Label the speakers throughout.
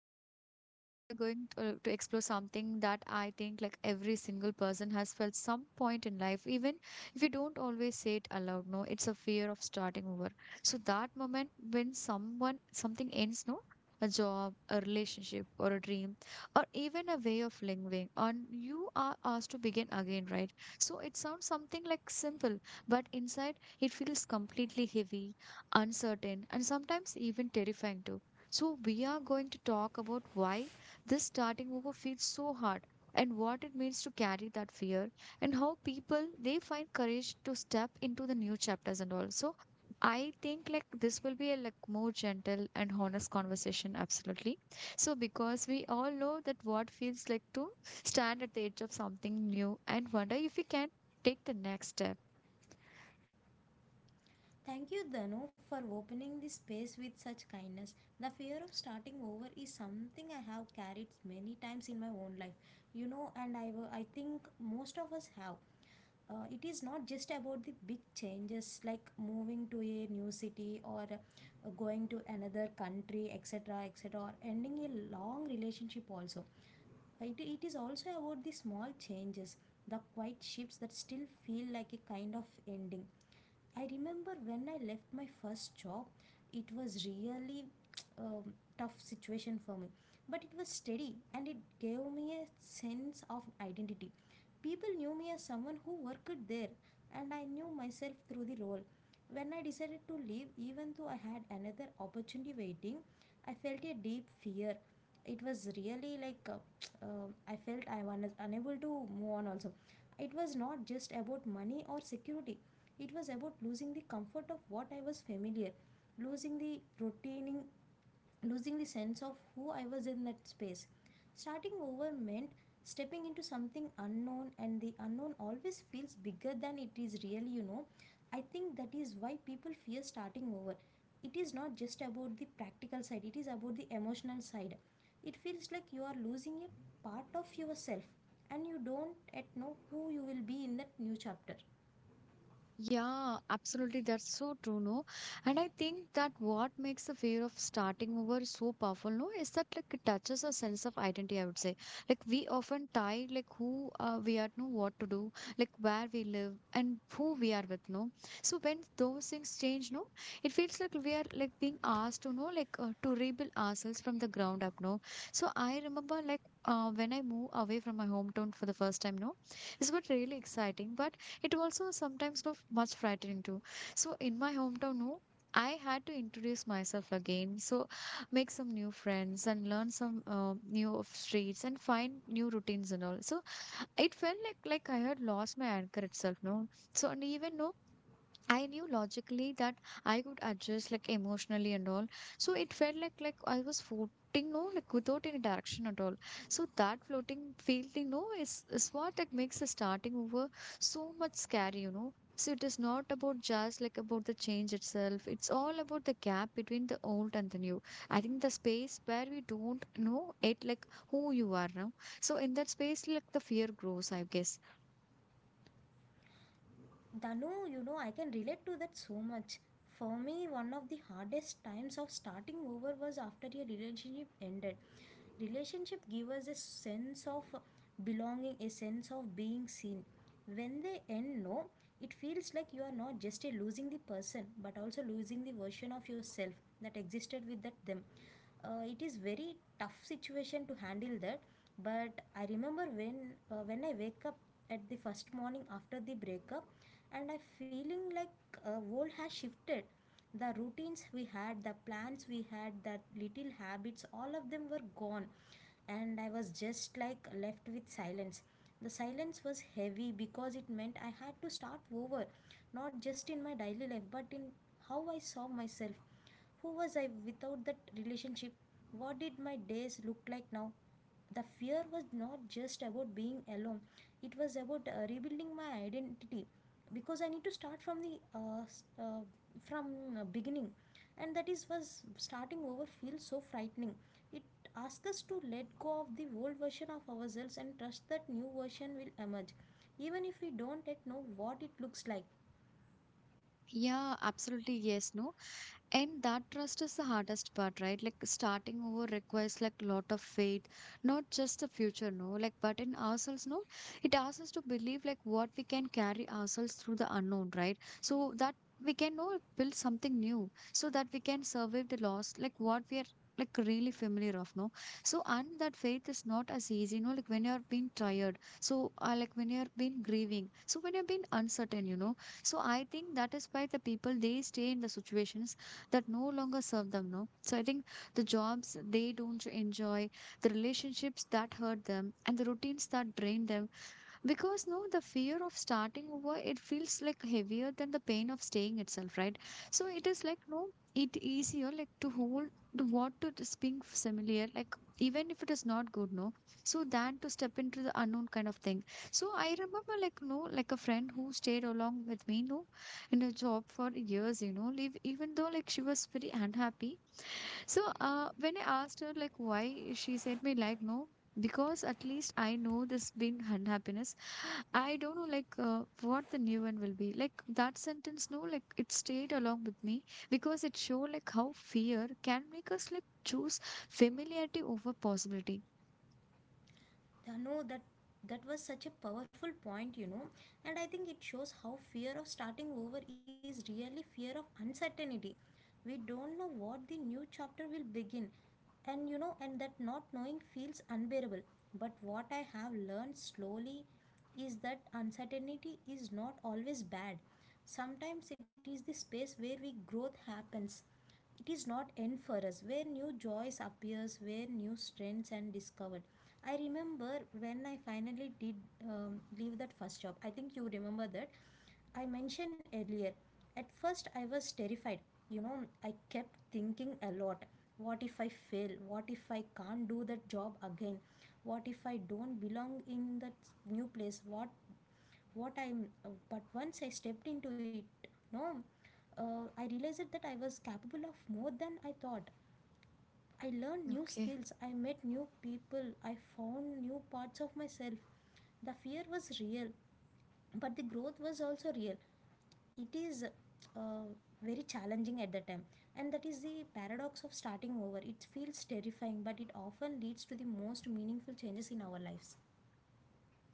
Speaker 1: no. So we are going to explore something that I think like every single person has felt some point in life, even if you don't always say it aloud, no, it's a fear of starting over. So that moment when someone something ends, no, a job, a relationship, or a dream, or even a way of living, and you are asked to begin again, right? So it sounds something like simple but inside it feels completely heavy, uncertain, and sometimes even terrifying too. So, we are going to talk about why this starting over feels so hard and what it means to carry that fear and how people they find courage to step into the new chapters and also I think like this will be a like more gentle and honest conversation absolutely. So because we all know that what feels like to stand at the edge of something new and wonder if we can take the next step.
Speaker 2: Thank you, Danu, for opening this space with such kindness. The fear of starting over is something I have carried many times in my own life, you know, and I think most of us have. It is not just about the big changes like moving to a new city or going to another country, et cetera, or ending a long relationship also. It is also about the small changes, the quiet shifts that still feel like a kind of ending. I remember when I left my first job, it was really tough situation for me, but it was steady and it gave me a sense of identity. People knew me as someone who worked there, and I knew myself through the role. When I decided to leave, even though I had another opportunity waiting, I felt a deep fear. It was really like I felt I was unable to move on also. It was not just about money or security, it was about losing the comfort of what I was familiar, losing the routine, losing the sense of who I was in that space. Starting over meant stepping into something unknown, and the unknown always feels bigger than it is really, you know. I think that is why people fear starting over. It is not just about the practical side, it is about the emotional side. It feels like you are losing a part of yourself, and you don't yet know who you will be in that new chapter.
Speaker 1: Yeah, absolutely. That's so true, no? And I think that what makes the fear of starting over so powerful, no, is that like it touches a sense of identity, I would say. Like we often tie like who we are, no, what to do, like where we live and who we are with, no? So when those things change, no, it feels like we are like being asked to, know, like to rebuild ourselves from the ground up, no? So I remember like when I moved away from my hometown for the first time, no, it's what really exciting, but it also sometimes looked much frightening too. So in my hometown, no, I had to introduce myself again. So make some new friends and learn some new of streets and find new routines and all. So it felt like I had lost my anchor itself, no. So and even no, I knew logically that I could adjust like emotionally and all. So it felt like I was floating, no, like without any direction at all. So that floating feeling, no, is what like makes the starting over so much scary, you know. So it is not about just like about the change itself. It's all about the gap between the old and the new. I think the space where we don't know it like who you are now. So in that space, like the fear grows, I guess.
Speaker 2: Danu, you know, I can relate to that so much. For me, one of the hardest times of starting over was after a relationship ended. Relationship give us a sense of belonging, a sense of being seen. When they end, no, it feels like you are not just a losing the person, but also losing the version of yourself that existed with that them. It is very tough situation to handle that. But I remember when I wake up at the first morning after the breakup, and I feeling like world has shifted, the routines we had, the plans we had, the little habits, all of them were gone, and I was just like left with silence. The silence was heavy because it meant I had to start over, not just in my daily life but in how I saw myself. Who was I without that relationship? What did my days look like now? The fear was not just about being alone, it was about rebuilding my identity, because I need to start from the from beginning. And that is was starting over feels so frightening. It asks us to let go of the old version of ourselves and trust that new version will emerge, even if we don't yet know what it looks like.
Speaker 1: Yeah, absolutely. Yes, no. And that trust is the hardest part, right? Like starting over requires like lot of faith, not just the future, no, like but in ourselves, no. It asks us to believe like what we can carry ourselves through the unknown, right? So that we can know build something new, so that we can survive the loss, like what we are like really familiar of, no. So and that faith is not as easy, no. Like when you are being tired, so like when you are being grieving, so when you are being uncertain, you know. So I think that is why the people they stay in the situations that no longer serve them, no. So I think the jobs they don't enjoy, the relationships that hurt them and the routines that drain them, because no the fear of starting over it feels like heavier than the pain of staying itself, right? So it is like no, it easier like to hold to what to just being familiar, like even if it is not good, no. So than to step into the unknown kind of thing. So I remember like no, like a friend who stayed along with me, no, in a job for years, you know, leave even though like she was very unhappy. So when I asked her like why, she said me like no, because at least I know this being unhappiness. I don't know like what the new one will be. Like that sentence, no, like it stayed along with me because it showed like how fear can make us like choose familiarity over possibility.
Speaker 2: No, that was such a powerful point, you know, and I think it shows how fear of starting over is really fear of uncertainty. We don't know what the new chapter will begin, and you know, and that not knowing feels unbearable. But what I have learned slowly is that uncertainty is not always bad. Sometimes it is the space where we growth happens. It is not end for us, where new joys appears, where new strengths and discovered. I remember when I finally did leave that first job, I think you remember that I mentioned earlier. At first I was terrified, you know. I kept thinking a lot. What if I fail? What if I can't do that job again? What if I don't belong in that new place? What I'm but once I stepped into it, no, I realized that I was capable of more than I thought. I learned new
Speaker 1: Okay.
Speaker 2: skills, I met new people, I found new parts of myself. The fear was real, but the growth was also real. It is very challenging at the time. And that is the paradox of starting over: it feels terrifying, but it often leads to the most meaningful changes in our lives.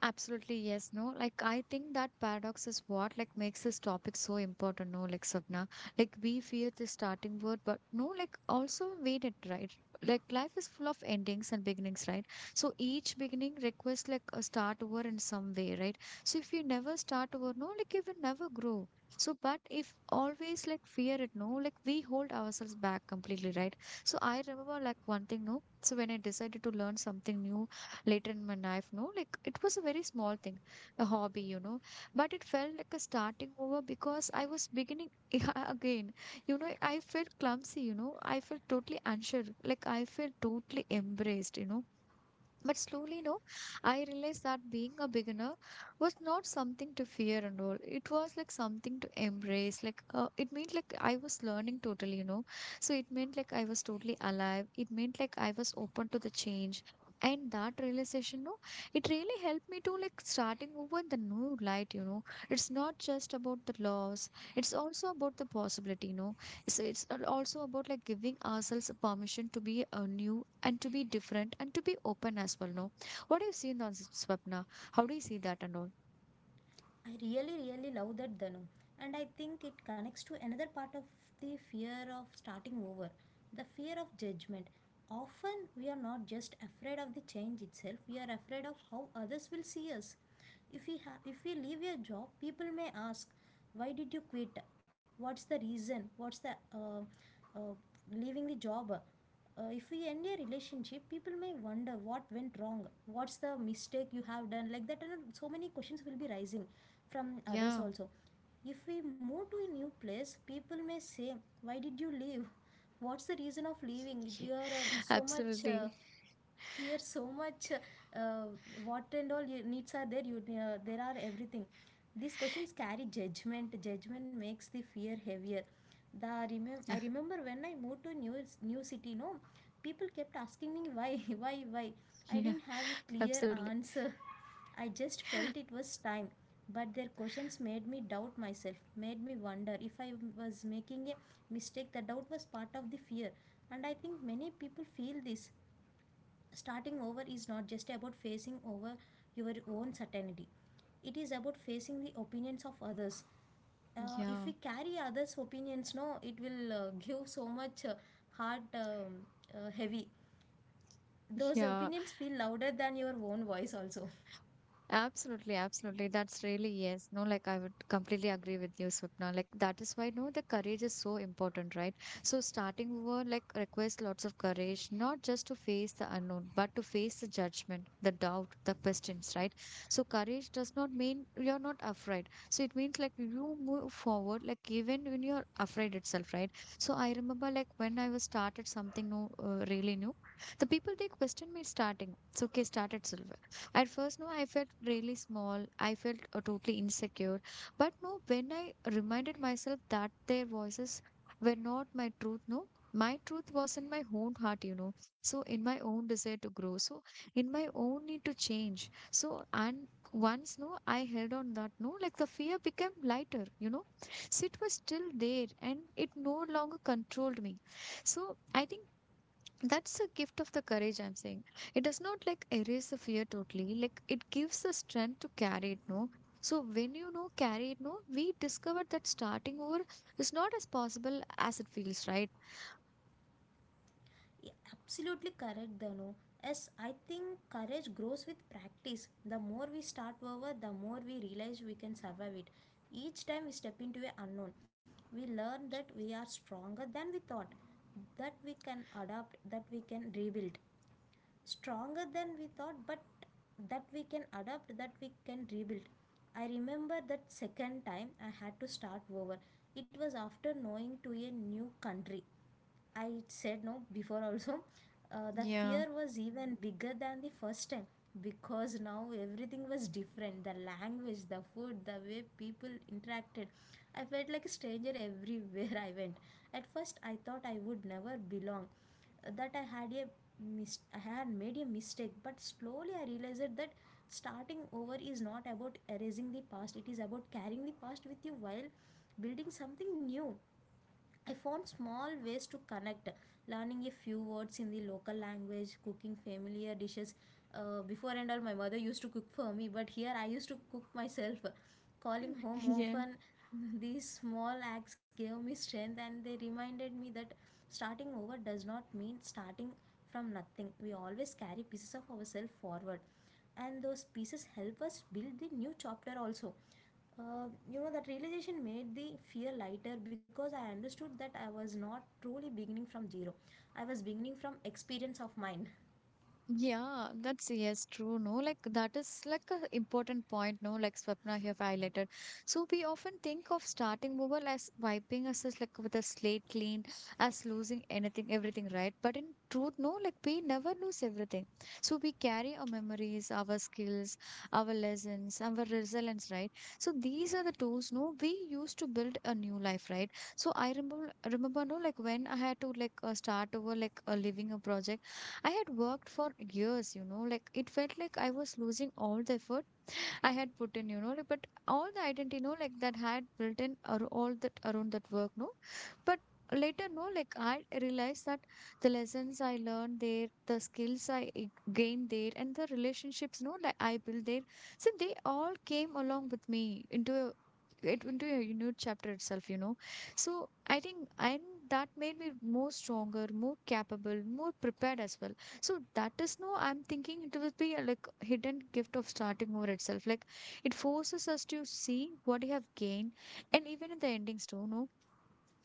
Speaker 1: Absolutely, yes, no. Like, I think that paradox is what like makes this topic so important, no, like Sapna. Like we fear the starting word, but no, like also wait it, right? Like life is full of endings and beginnings, right? So each beginning requests like a start over in some way, right? So if you never start over, no, like you will never grow. So but if always like fear it, no, like we hold ourselves back completely, right? So I remember like one thing, no. So when I decided to learn something new, later in my life, no, like it was a very small thing, a hobby, you know, but it felt like a starting over because I was beginning again. You know, I felt clumsy, you know, I felt totally unsure, like I felt totally embraced, you know, but slowly, no, I realized that being a beginner was not something to fear and all. It was like something to embrace. Like, it meant like I was learning totally, you know. So it meant like I was totally alive. It meant like I was open to the change. And that realization, no, it really helped me to like starting over in the new light, you know. It's not just about the loss, it's also about the possibility, you know. So also about like giving ourselves permission to be new and to be different and to be open as well. No, what do you seen on Swapna? How do you see that and all?
Speaker 2: I really, really love that, Danu, and I think it connects to another part of the fear of starting over: the fear of judgment. Often, we are not just afraid of the change itself, we are afraid of how others will see us. If if we leave a job, people may ask, "Why did you quit? What's the reason? What's the uh, leaving the job?" If we end a relationship, people may wonder what went wrong, what's the mistake you have done, like that, and so many questions will be rising from
Speaker 1: Yeah,
Speaker 2: others also. If we move to a new place, people may say, "Why did you leave? What's the reason of leaving? You're so much
Speaker 1: absolutely.
Speaker 2: here, so much what and all you needs are there, you there are everything." These questions carry judgment. Judgment makes the fear heavier. The I remember when I moved to new new city, no, people kept asking me why why why. I
Speaker 1: Yeah,
Speaker 2: didn't have a clear
Speaker 1: absolutely.
Speaker 2: answer. I just felt it was time, but their questions made me doubt myself, made me wonder if I was making a mistake. The doubt was part of the fear, and I think many people feel this. Starting over is not just about facing over your own certainty, it is about facing the opinions of others. If
Speaker 1: Yeah,
Speaker 2: we carry others' opinions, no, it will give so much heart heavy. Those
Speaker 1: yeah.
Speaker 2: opinions feel louder than your own voice, also.
Speaker 1: Absolutely, absolutely. That's really yes. No, like I would completely agree with you, Swapna. Like that is why no, the courage is so important, right? So starting over like requires lots of courage, not just to face the unknown, but to face the judgment, the doubt, the questions, right? So courage does not mean you're not afraid. So it means like you move forward, like even when you're afraid itself, right? So I remember like when I was started something new, really new, the people they questioned me starting. It's okay, start itself. At first, no, I felt really small. I felt totally insecure. But no, when I reminded myself that their voices were not my truth, no, my truth was in my own heart, you know. So, in my own desire to grow, so in my own need to change. So, and once, no, I held on that, no, like the fear became lighter, you know. So, it was still there and it no longer controlled me. So, I think that's a gift of the courage I'm saying. It does not like erase the fear totally, like it gives the strength to carry it, no. So when you know carry it, no, we discovered that starting over is not as possible as it feels, right?
Speaker 2: Yeah, absolutely correct, Danu. Yes, I think courage grows with practice. The more we start over, the more we realize we can survive it. Each time we step into a unknown, we learn that we are stronger than we thought, that we can adapt, that we can rebuild. Stronger than we thought, but that we can adapt, that we can rebuild. I remember that second time I had to start over. It was after knowing to a new country. I said no before also. The
Speaker 1: Yeah.
Speaker 2: fear was even bigger than the first time, because now everything was different: the language, the food, the way people interacted. I felt like a stranger everywhere I went. At first, I thought I would never belong, that I had a I had made a mistake, but slowly I realized that starting over is not about erasing the past, it is about carrying the past with you while building something new. I found small ways to connect, learning a few words in the local language, cooking familiar dishes. Before and all, my mother used to cook for me, but here I used to cook myself. Calling home
Speaker 1: Yeah.
Speaker 2: often, these small acts gave me strength and they reminded me that starting over does not mean starting from nothing. We always carry pieces of ourselves forward, and those pieces help us build the new chapter also. Uh, you know, that realization made the fear lighter because I understood that I was not truly beginning from zero. I was beginning from experience of mine.
Speaker 1: Yeah, that's yes, true. No, like that is like a important point. No, like Swapna have highlighted. So we often think of starting over as wiping us as like with a slate clean, as losing anything, everything, right? But in truth, no, like we never lose everything. So we carry our memories, our skills, our lessons, our resilience, right? So these are the tools. No, we use to build a new life, right? So I remember, no, like when I had to like start over, like leaving a project. I had worked for years, you know, like it felt like I was losing all the effort I had put in, you know, like, but all the identity, you know, like that I had built in or all that around that work, no. But later, no, like I realized that the lessons I learned there, the skills I gained there, and the relationships, no, like I built there, so they all came along with me into a it into a new chapter itself, you know. So I think and that made me more stronger, more capable, more prepared as well. So that is no, I'm thinking it will be a, like hidden gift of starting over itself. Like it forces us to see what we have gained, and even in the endings too, no.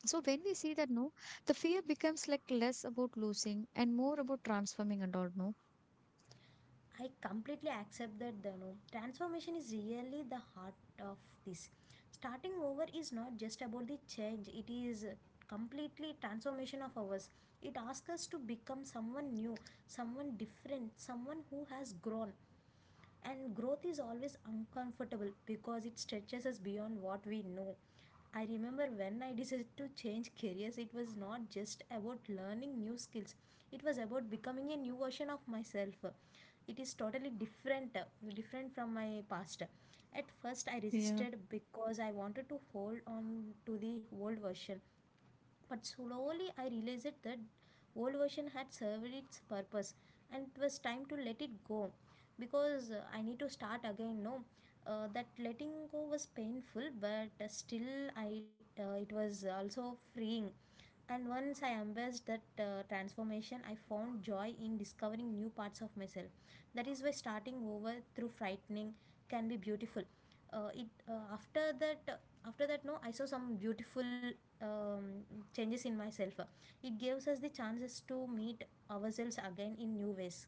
Speaker 1: So when we see that, no, the fear becomes like less about losing and more about transforming and all, no.
Speaker 2: I completely accept that the no, transformation is really the heart of this. Starting over is not just about the change, it is completely transformation of ours. It asks us to become someone new, someone different, someone who has grown. And growth is always uncomfortable because it stretches us beyond what we know. I remember when I decided to change careers, it was not just about learning new skills, it was about becoming a new version of myself. It is totally different, different from my past. At first I
Speaker 1: Yeah.
Speaker 2: resisted because I wanted to hold on to the old version, but slowly I realized that old version had served its purpose, and it was time to let it go, because I need to start again. No, that letting go was painful, but still I it was also freeing. And once I embraced that transformation, I found joy in discovering new parts of myself. That is why starting over through frightening can be beautiful. It After that after that no I saw some beautiful um, changes in myself. It gives us the chances to meet ourselves again in new ways.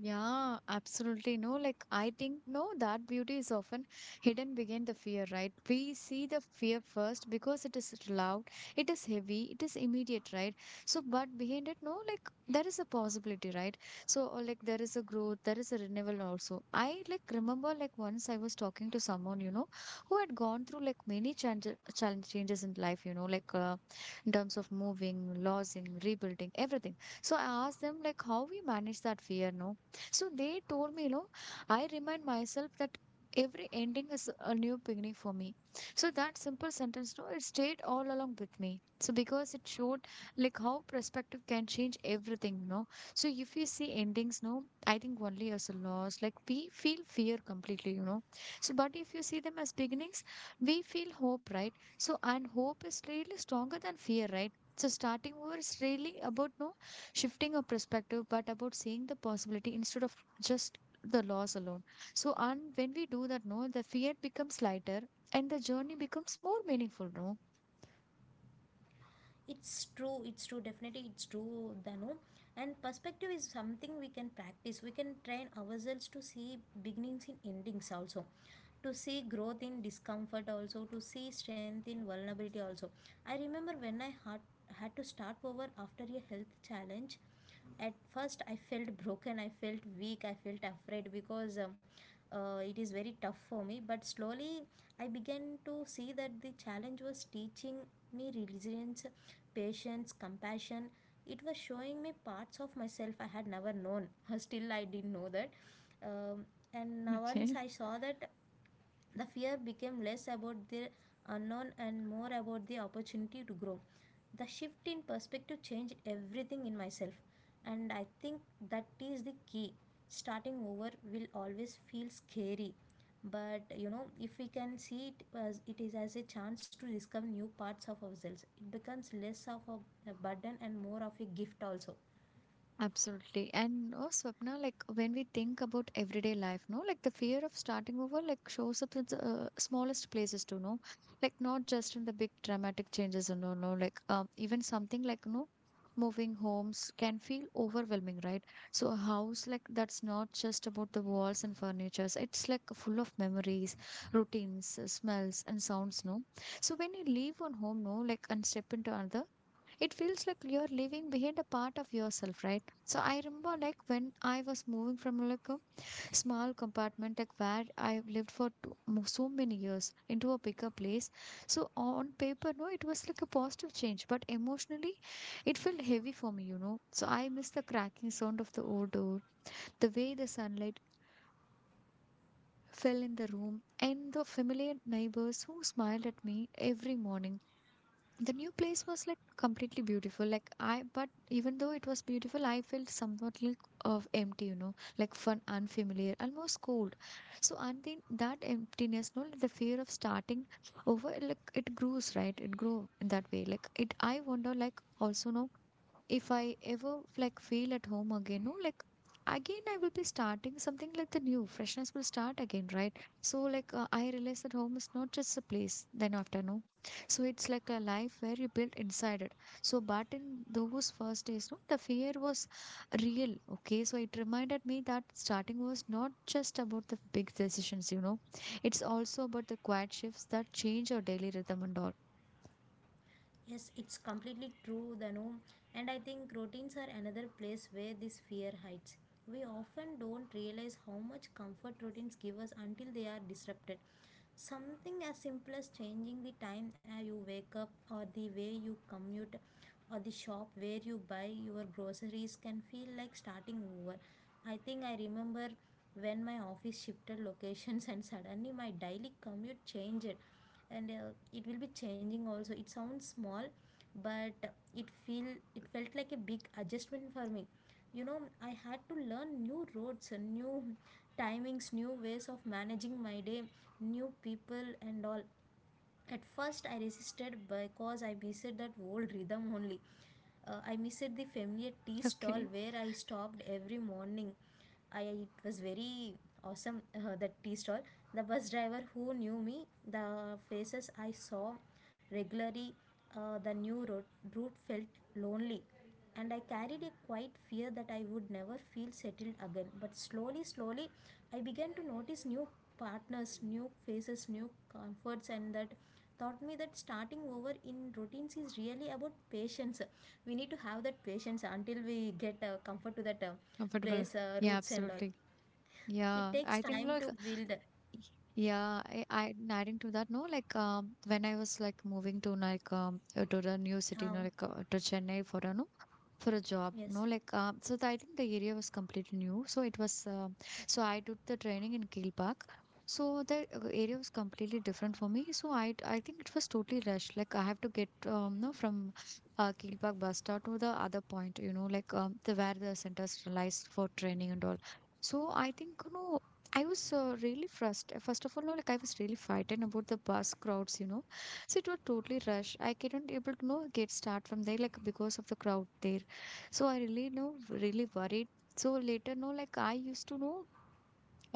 Speaker 1: Yeah, absolutely. No, like I think, no, that beauty is often hidden behind the fear, right? We see the fear first because it is loud, it is heavy, it is immediate, right? So, but behind it, no, like there is a possibility, right? So, like there is a growth, there is a renewal also. I like remember, like once I was talking to someone, you know, who had gone through like many change, challenge changes in life, you know, in terms of moving, losing, rebuilding, everything. So, I asked them, like, how we manage that fear, no? So they told me, you know, I remind myself that every ending is a new beginning for me. So that simple sentence, no, it stayed all along with me. So because it showed like how perspective can change everything, you know. So if you see endings, no, I think only as a loss, like we feel fear completely, you know. So but if you see them as beginnings, we feel hope, right? So and hope is really stronger than fear, right? So starting over is really about no shifting a perspective but about seeing the possibility instead of just the loss alone. So and when we do that, no, the fear becomes lighter and the journey becomes more meaningful, no.
Speaker 2: It's true. Definitely it's true, Danu. And perspective is something we can practice. We can train ourselves to see beginnings in endings also, to see growth in discomfort also, to see strength in vulnerability also. I remember when I had to start over after a health challenge. At first I felt broken, I felt weak, I felt afraid because it is very tough for me. But slowly I began to see that the challenge was teaching me resilience, patience, compassion. It was showing me parts of myself I had never known. Still I didn't know that. um, and now once
Speaker 1: Okay.
Speaker 2: I saw that, the fear became less about the unknown and more about the opportunity to grow. The shift in perspective changed everything in myself, and I think that is the key. Starting over will always feel scary, but you know, if we can see it as it is, as a chance to discover new parts of ourselves, it becomes less of a burden and more of a gift also.
Speaker 1: Absolutely. And oh, Swapna, like when we think about everyday life, no, like the fear of starting over, like shows up in the smallest places too, no, like not just in the big dramatic changes, and no, no, like even something like, no, moving homes can feel overwhelming, right? So a house like that's not just about the walls and furnitures. It's like full of memories, routines, smells, and sounds, no. So when you leave one home, no, like and step into another, it feels like you're leaving behind a part of yourself, right? So I remember like when I was moving from like a small compartment like where I lived for so many years into a bigger place. So on paper, no, it was like a positive change, but emotionally it felt heavy for me, you know. So I miss the cracking sound of the old door, the way the sunlight fell in the room, and the familiar neighbors who smiled at me every morning. The new place was like completely beautiful, like I, but even though it was beautiful, I felt somewhat like of empty, you know, like fun, unfamiliar, almost cold. So and then that emptiness, no, the fear of starting over, like it grows, right? It grew in that way, like it, I wonder like also, no, if I ever like feel at home again, no, like again I will be starting something like the new freshness will start again, right? So I realize that home is not just a place. Then after no, so it's like a life where you build inside it. So but in those first days, no, the fear was real. Okay, so it reminded me that starting was not just about the big decisions. You know, it's also about the quiet shifts that change our daily rhythm and all.
Speaker 2: Yes, it's completely true, Danu. And I think routines are another place where this fear hides. We often don't realize how much comfort routines give us until they are disrupted. Something as simple as changing the time you wake up, or the way you commute, or the shop where you buy your groceries can feel like starting over. I think I remember when my office shifted locations and suddenly my daily commute changed, and it will be changing also. It sounds small, but it feel it felt like a big adjustment for me, you know. I had to learn new roads and new timings, new ways of managing my day, new people and all. At first, I resisted because I missed that old rhythm only. I missed the familiar tea stall
Speaker 1: Okay,
Speaker 2: where I stopped every morning. I, it was very awesome that tea stall. The bus driver who knew me, the faces I saw regularly, the new route felt lonely, and I carried a quiet fear that I would never feel settled again. But slowly, slowly, I began to notice new partners, new faces, new comforts, and that taught me that starting over in routines is really about patience. We need to have that patience until we get comfort to that
Speaker 1: comfortable.
Speaker 2: place,
Speaker 1: Yeah,
Speaker 2: roots, and all.
Speaker 1: absolutely.
Speaker 2: It
Speaker 1: Yeah,
Speaker 2: takes
Speaker 1: I think
Speaker 2: time
Speaker 1: like,
Speaker 2: to build.
Speaker 1: yeah, I adding to that, no, like when I was like moving to like to the new city, no,
Speaker 2: Um,
Speaker 1: to Chennai for a no, for a job,
Speaker 2: yes.
Speaker 1: no, so I think the area was completely new, so it was so I did the training in Keel Park. So the area was completely different for me, so I think it was totally rushed, like I have to get no from Keel Park bus stop to the other point, you know, like the where the centers lies for training and all. So I think, you know, I was really frustrated first of all, no, like I was really frightened about the bus crowds, you know. So it was totally rush, I couldn't able to know get start from there like because of the crowd there. So I really know really worried. So later, no, like I used to know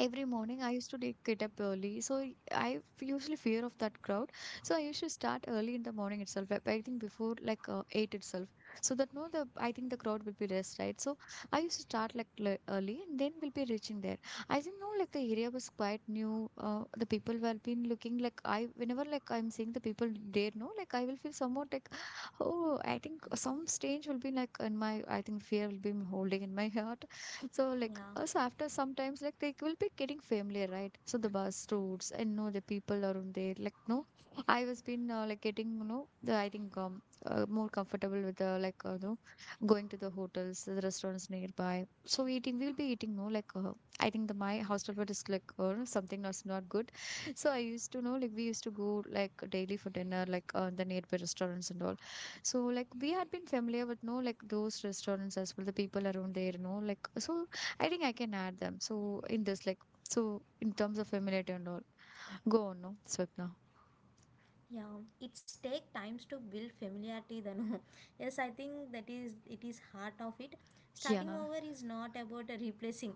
Speaker 1: every morning I used to like get up early. So I usually fear of that crowd. So I used to start early in the morning itself. I think before eight itself. So that no, the I think the crowd will be less, right? So I used to start like early, and then we'll be reaching there. I think no, like the area was quite new. The people were been looking like I whenever like I'm seeing the people there, no, like I will feel somewhat like, oh, I think some strange will be like in my, I think fear will be holding in my heart. So like,
Speaker 2: Yeah.
Speaker 1: so after sometimes like they will be getting familiar, right? So the bus routes and know the people around there, like no, I was been like getting, you know, the I think more comfortable with the no going to the hotels, the restaurants nearby. So eating, we'll be eating, no, I think the my hostel food is like something that's not good. So I used to know like we used to go like daily for dinner, the nearby restaurants and all. So like we had been familiar with no like those restaurants as well, the people around there, no like, so I think I can add them. So in this like, so in terms of familiarity and all, go on, no, Swapna.
Speaker 2: Yeah, it's take times to build familiarity then. Yes, I think that is, it is heart of it.
Speaker 1: Yeah,
Speaker 2: Starting over is not about replacing.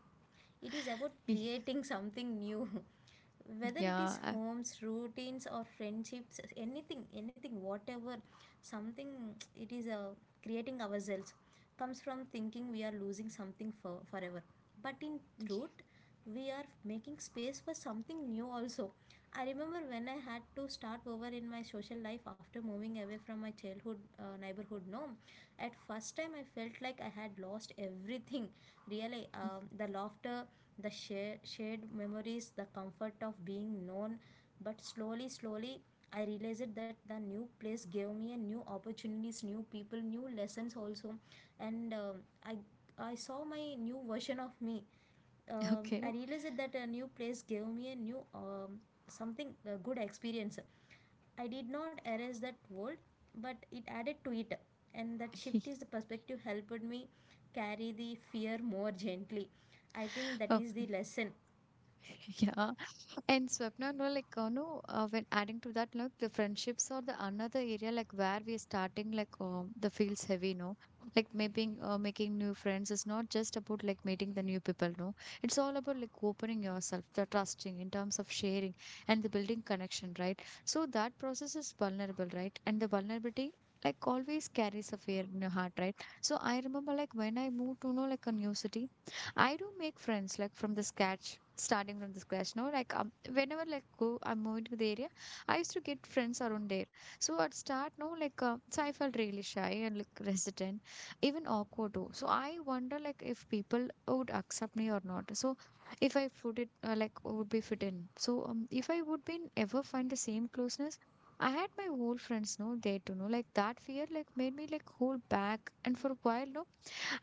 Speaker 2: It is about
Speaker 1: yeah,
Speaker 2: creating something new. Whether it
Speaker 1: yeah.
Speaker 2: is
Speaker 1: I-
Speaker 2: homes, routines or friendships, anything, anything, whatever, something. It is creating ourselves comes from thinking we are losing something forever, but in
Speaker 1: yeah.
Speaker 2: truth we are making space for something new also. I remember when I had to start over in my social life after moving away from my childhood neighborhood, no, at first time I felt like I had lost everything. Really, the laughter, the shared memories, the comfort of being known. But slowly, slowly, I realized that the new place gave me a new opportunities, new people, new lessons also. And I saw my new version of me. I
Speaker 1: Okay.
Speaker 2: realized that a new place gave me a new something, a good experience. I did not erase that world, but it added to it. And that shift is the perspective helped me carry the fear more gently. I think that is the
Speaker 1: Okay.
Speaker 2: lesson.
Speaker 1: Yeah. And Swapna, no, like, no, when adding to that, like, the friendships or the another area, like, where we're starting, like, the feels heavy, no? Like, making new friends is not just about, like, meeting the new people, no? It's all about, like, opening yourself, the trusting in terms of sharing and the building connection, right? So that process is vulnerable, right? And the vulnerability, like, always carries a fear in your heart, right? So I remember, like, when I moved to, know, like, a new city, I do make friends like from the sketch starting from the scratch, no, like whenever like go I'm moving to the area, I used to get friends around there. So at start, no, so I felt really shy and like resident, even awkward too. So I wonder like if people would accept me or not, so if I put it like would be fit in, so if I would been ever find the same closeness I had my whole friends no, there to know like that fear like made me like hold back and for a while, no,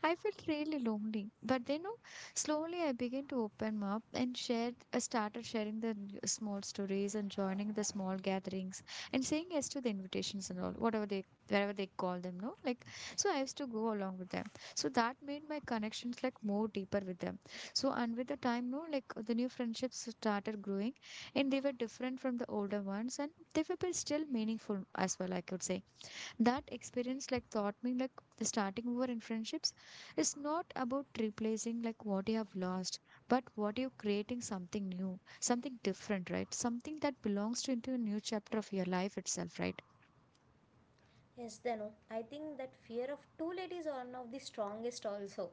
Speaker 1: I felt really lonely. But then, no, slowly I began to open up and I started sharing the small stories and joining the small gatherings and saying yes to the invitations and all, whatever they, wherever they call them, no? Like, so I used to go along with them. So that made my connections like more deeper with them. So, and with the time, no, like the new friendships started growing and they were different from the older ones, and they were but still meaningful as well, I could say. That experience like taught me like the starting over in friendships is not about replacing like what you have lost, but what you're creating something new, something different, right? Something that belongs to into a new chapter of your life itself, right?
Speaker 2: Yes, Danu. I think that fear of too late is one of the strongest also.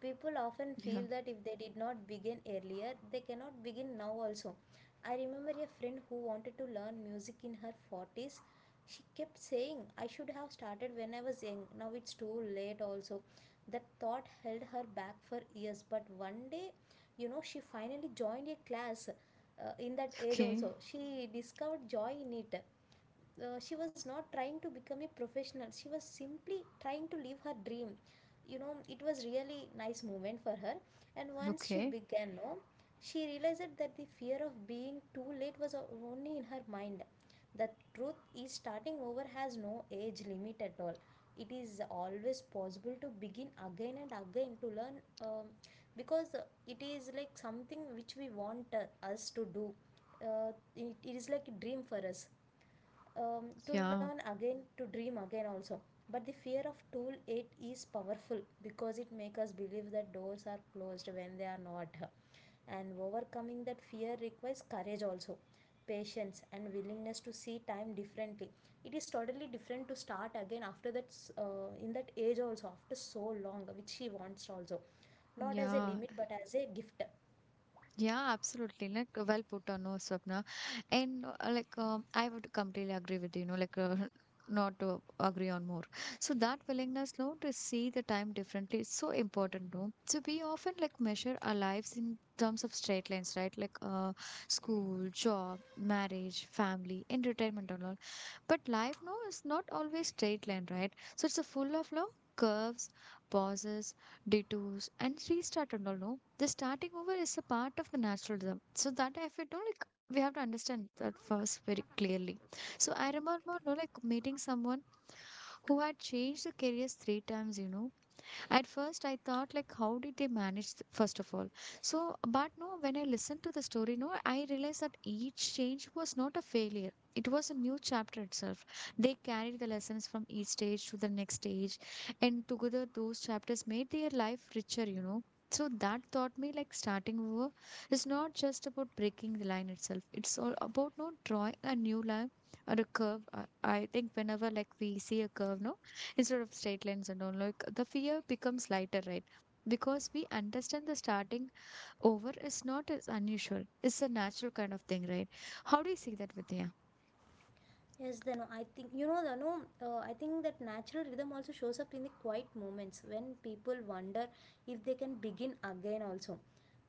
Speaker 2: People often
Speaker 1: Yeah.
Speaker 2: feel that if they did not begin earlier, they cannot begin now also. I remember a friend who wanted to learn music in her 40s. She kept saying, I should have started when I was young. Now it's too late also. That thought held her back for years. But one day, you know, she finally joined a class in that age
Speaker 1: Okay.
Speaker 2: also. She discovered joy in it. She was not trying to become a professional. She was simply trying to live her dream. You know, it was really nice moment for her. And once she
Speaker 1: Okay.
Speaker 2: began, no, she realized that the fear of being too late was only in her mind. The truth is starting over has no age limit at all. It is always possible to begin again and again, to learn. um, because it is like something which we want us to do. It is like a dream for us to learn
Speaker 1: Yeah.
Speaker 2: again, to dream again also. But the fear of tool 8 is powerful because it makes us believe that doors are closed when they are not. And overcoming that fear requires courage also, patience and willingness to see time differently. It is totally different to start again after that, in that age also, after so long which she wants also, not as a
Speaker 1: Yeah.
Speaker 2: limit but as a gift.
Speaker 1: Yeah, absolutely. Like well put on, no, Swapna. And like I would completely agree with you. You know, not to agree on more. So that willingness, no, to see the time differently is so important, no. So we often like measure our lives in terms of straight lines, right? Like school, job, marriage, family, entertainment, and all. But life, no, is not always straight line, right? So it's a full of no curves, pauses, detours, and restart and all, no, the starting over is a part of the naturalism. So that if we don't like, we have to understand that first very clearly. So I remember no, like meeting someone who had changed the careers 3 times, you know. At first, I thought, like, how did they manage, first of all? So, but no, when I listened to the story, no, I realized that each change was not a failure. It was a new chapter itself. They carried the lessons from each stage to the next stage, and together those chapters made their life richer, you know. So that taught me, like, starting over is not just about breaking the line itself. It's all about no drawing a new line or a curve. I think whenever, like, we see a curve, no, instead of straight lines and all, like the fear becomes lighter, right? Because we understand the starting over is not as unusual, it's a natural kind of thing, right? How do you see that, Vidya?
Speaker 2: Yes, then I think you know the no. I think that natural rhythm also shows up in the quiet moments when people wonder if they can begin again. Also,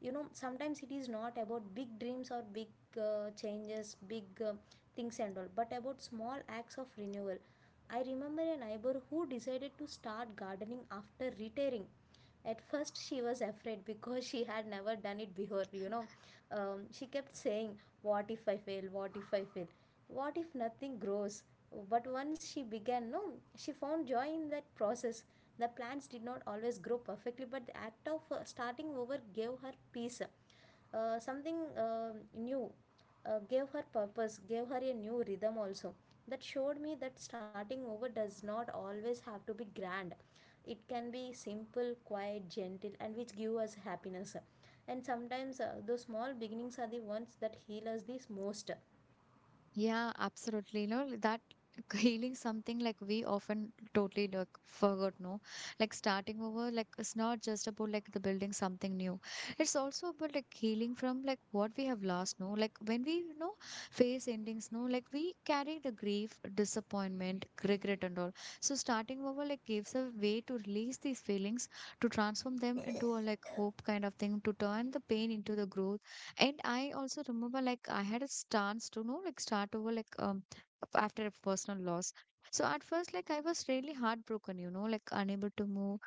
Speaker 2: you know, sometimes it is not about big dreams or big changes, big things and all, but about small acts of renewal. I remember a neighbor who decided to start gardening after retiring. At first, she was afraid because she had never done it before, you know. She kept saying, what if I fail? What if I fail? What if nothing grows? But once she began, no, she found joy in that process. The plants did not always grow perfectly, but the act of starting over gave her peace, something new, gave her purpose, gave her a new rhythm also. That showed me that starting over does not always have to be grand. It can be simple, quiet, gentle, and which give us happiness. And sometimes those small beginnings are the ones that heal us the most.
Speaker 1: Yeah, absolutely. You know, that healing something, like we often totally like forgot, no? Like starting over, like it's not just about like the building something new. It's also about like healing from like what we have lost, no? Like when we, you know, face endings, no? Like we carry the grief, disappointment, regret and all. So starting over like gives a way to release these feelings, to transform them into a like hope kind of thing, to turn the pain into the growth. And I also remember, like I had a stance to know, like start over like after a personal loss. So at first, like I was really heartbroken, you know, like unable to move,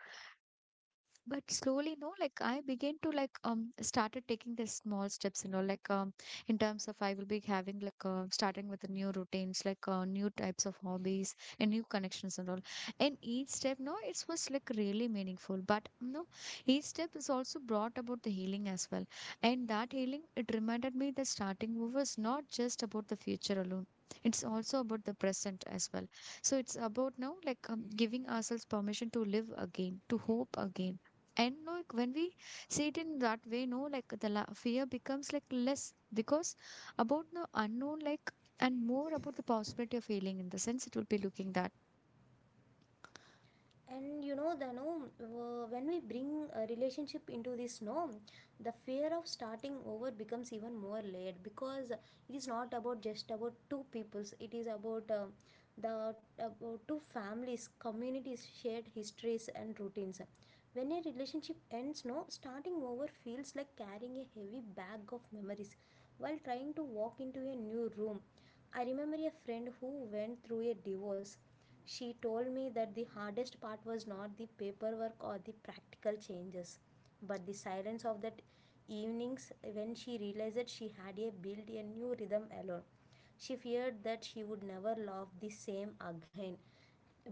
Speaker 1: but slowly, no, like I began to like started taking the small steps, you know, like in terms of I will be having like starting with the new routines like new types of hobbies and new connections and all. And each step, no, it was like really meaningful, but no, each step is also brought about the healing as well. And that healing, it reminded me that starting was not just about the future alone, it's also about the present as well. So it's about now, like giving ourselves permission to live again, to hope again. And like when we see it in that way, no, like the la fear becomes like less because about the unknown, like, and more about the possibility of failing in the sense it will be looking that.
Speaker 2: And you know the no when we bring a relationship into this, no, the fear of starting over becomes even more layered because it is not about just about two peoples. It is about the about two families, communities, shared histories and routines. When a relationship ends, no, starting over feels like carrying a heavy bag of memories while trying to walk into a new room. I remember a friend who went through a divorce. She told me that the hardest part was not the paperwork or the practical changes, but the silence of that evenings when she realized that she had a built a new rhythm alone. She feared that she would never love the same again,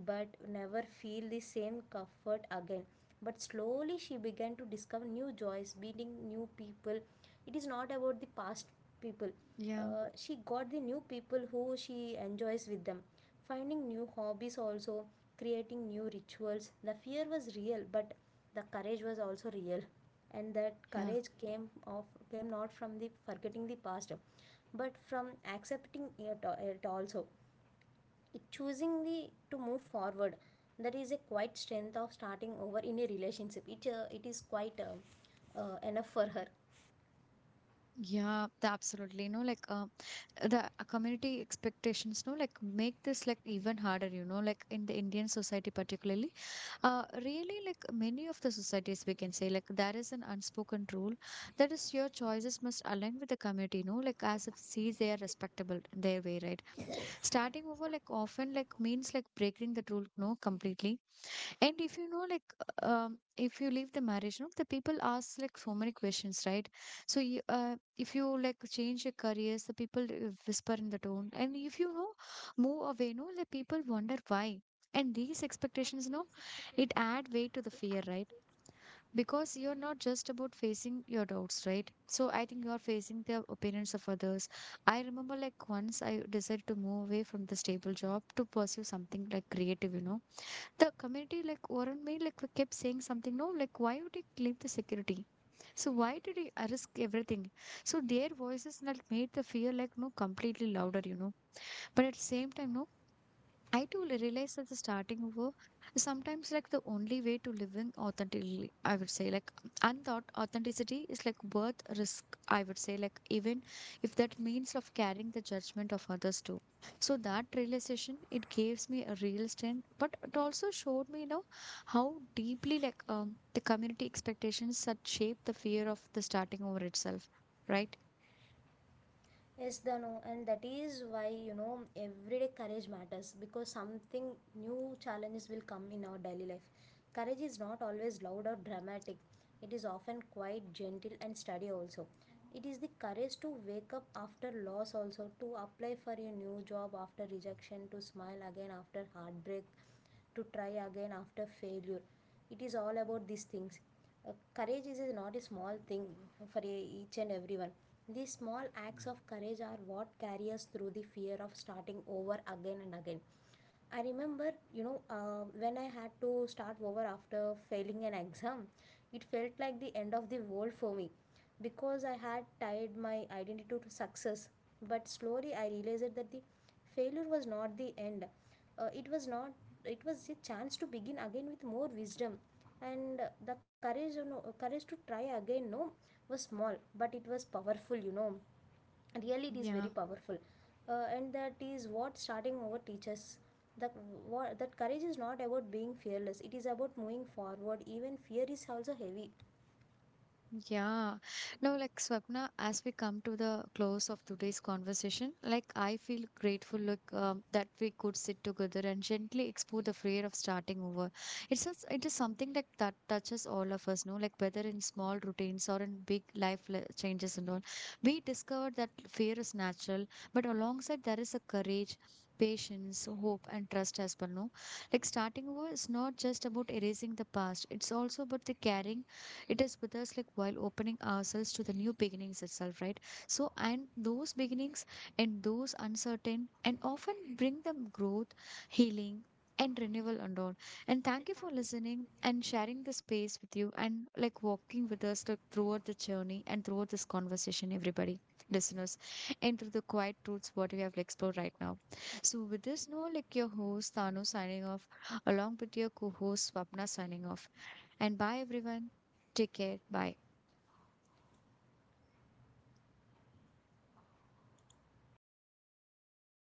Speaker 2: but never feel the same comfort again. But slowly she began to discover new joys, meeting new people. It is not about the past people.
Speaker 1: Yeah,
Speaker 2: She got the new people who she enjoys with them, finding new hobbies also, creating new rituals. The fear was real, but the courage was also real, and that
Speaker 1: yeah,
Speaker 2: courage came not from the forgetting the past, but from accepting it, it also, choosingly to move forward. That is a quite strength of starting over in a relationship. It is quite enough for her.
Speaker 1: yeah, the- absolutely. No, like, the community expectations no like make this like even harder, you know, like in the Indian society particularly, really like many of the societies we can say, like there is an unspoken rule, that is your choices must align with the community, you know, like as if sees they are respectable their way, right? Starting over like often like means like breaking the rule no completely. And if you know, like, if you leave the marriage, no, the people ask like so many questions, right? So, if you like change your careers, the people whisper in the tone, and if you know, move away, no, the people wonder why. And these expectations, no, it add weight to the fear, right? Because you're not just about facing your doubts, right? So I think you're facing the opinions of others. I remember like once I decided to move away from the stable job to pursue something like creative, you know, the community like around me like kept saying something, no, like why would he leave the security? So why did he risk everything? So their voices like made the fear like no completely louder, you know. But at the same time, no, I too realized that the starting over is sometimes like the only way to living authentically. I would say, like unthought authenticity is like worth risk. I would say, like even if that means of carrying the judgment of others too. So that realization, it gives me a real strength, but it also showed me, you know, how deeply like the community expectations that shape the fear of the starting over itself. Right?
Speaker 2: Yes the no, and that is why you know everyday courage matters, because something new challenges will come in our daily life. Courage is not always loud or dramatic. It is often quite gentle and steady also. It is the courage to wake up after loss also, to apply for a new job after rejection, to smile again after heartbreak, to try again after failure. It is all about these things. uh, Courage is not a small thing for each and everyone. These small acts of courage are what carry us through the fear of starting over again and again. I remember, you know, when I had to start over after failing an exam, it felt like the end of the world for me because I had tied my identity to success. But slowly I realized that the failure was not the end. It was not It was a chance to begin again with more wisdom. And the courage, you know, courage to try again, no, was small but it was powerful, you know. Really it is very
Speaker 1: Yeah.
Speaker 2: powerful. And that is what starting over teaches, that what that courage is not about being fearless. It is about moving forward even fear is also heavy.
Speaker 1: Yeah. No, like Swapna, as we come to the close of today's conversation, like I feel grateful like that we could sit together and gently explore the fear of starting over. It's just, it is something like that touches all of us, no? Like whether in small routines or in big life le- changes and all. We discovered that fear is natural, but alongside there is a courage, patience, hope, and trust as well, no? Like starting over is not just about erasing the past, it's also about the carrying it is with us like while opening ourselves to the new beginnings itself, right? So and those beginnings and those uncertain and often bring them growth, healing, and renewal and all. And thank you for listening and sharing the space with you and like walking with us like throughout the journey and throughout this conversation, everybody. Listeners, and through the quiet truths what we have explored right now. So with this note, like your host Tanu signing off along with your co-host Swapna signing off. And bye everyone. Take care. Bye.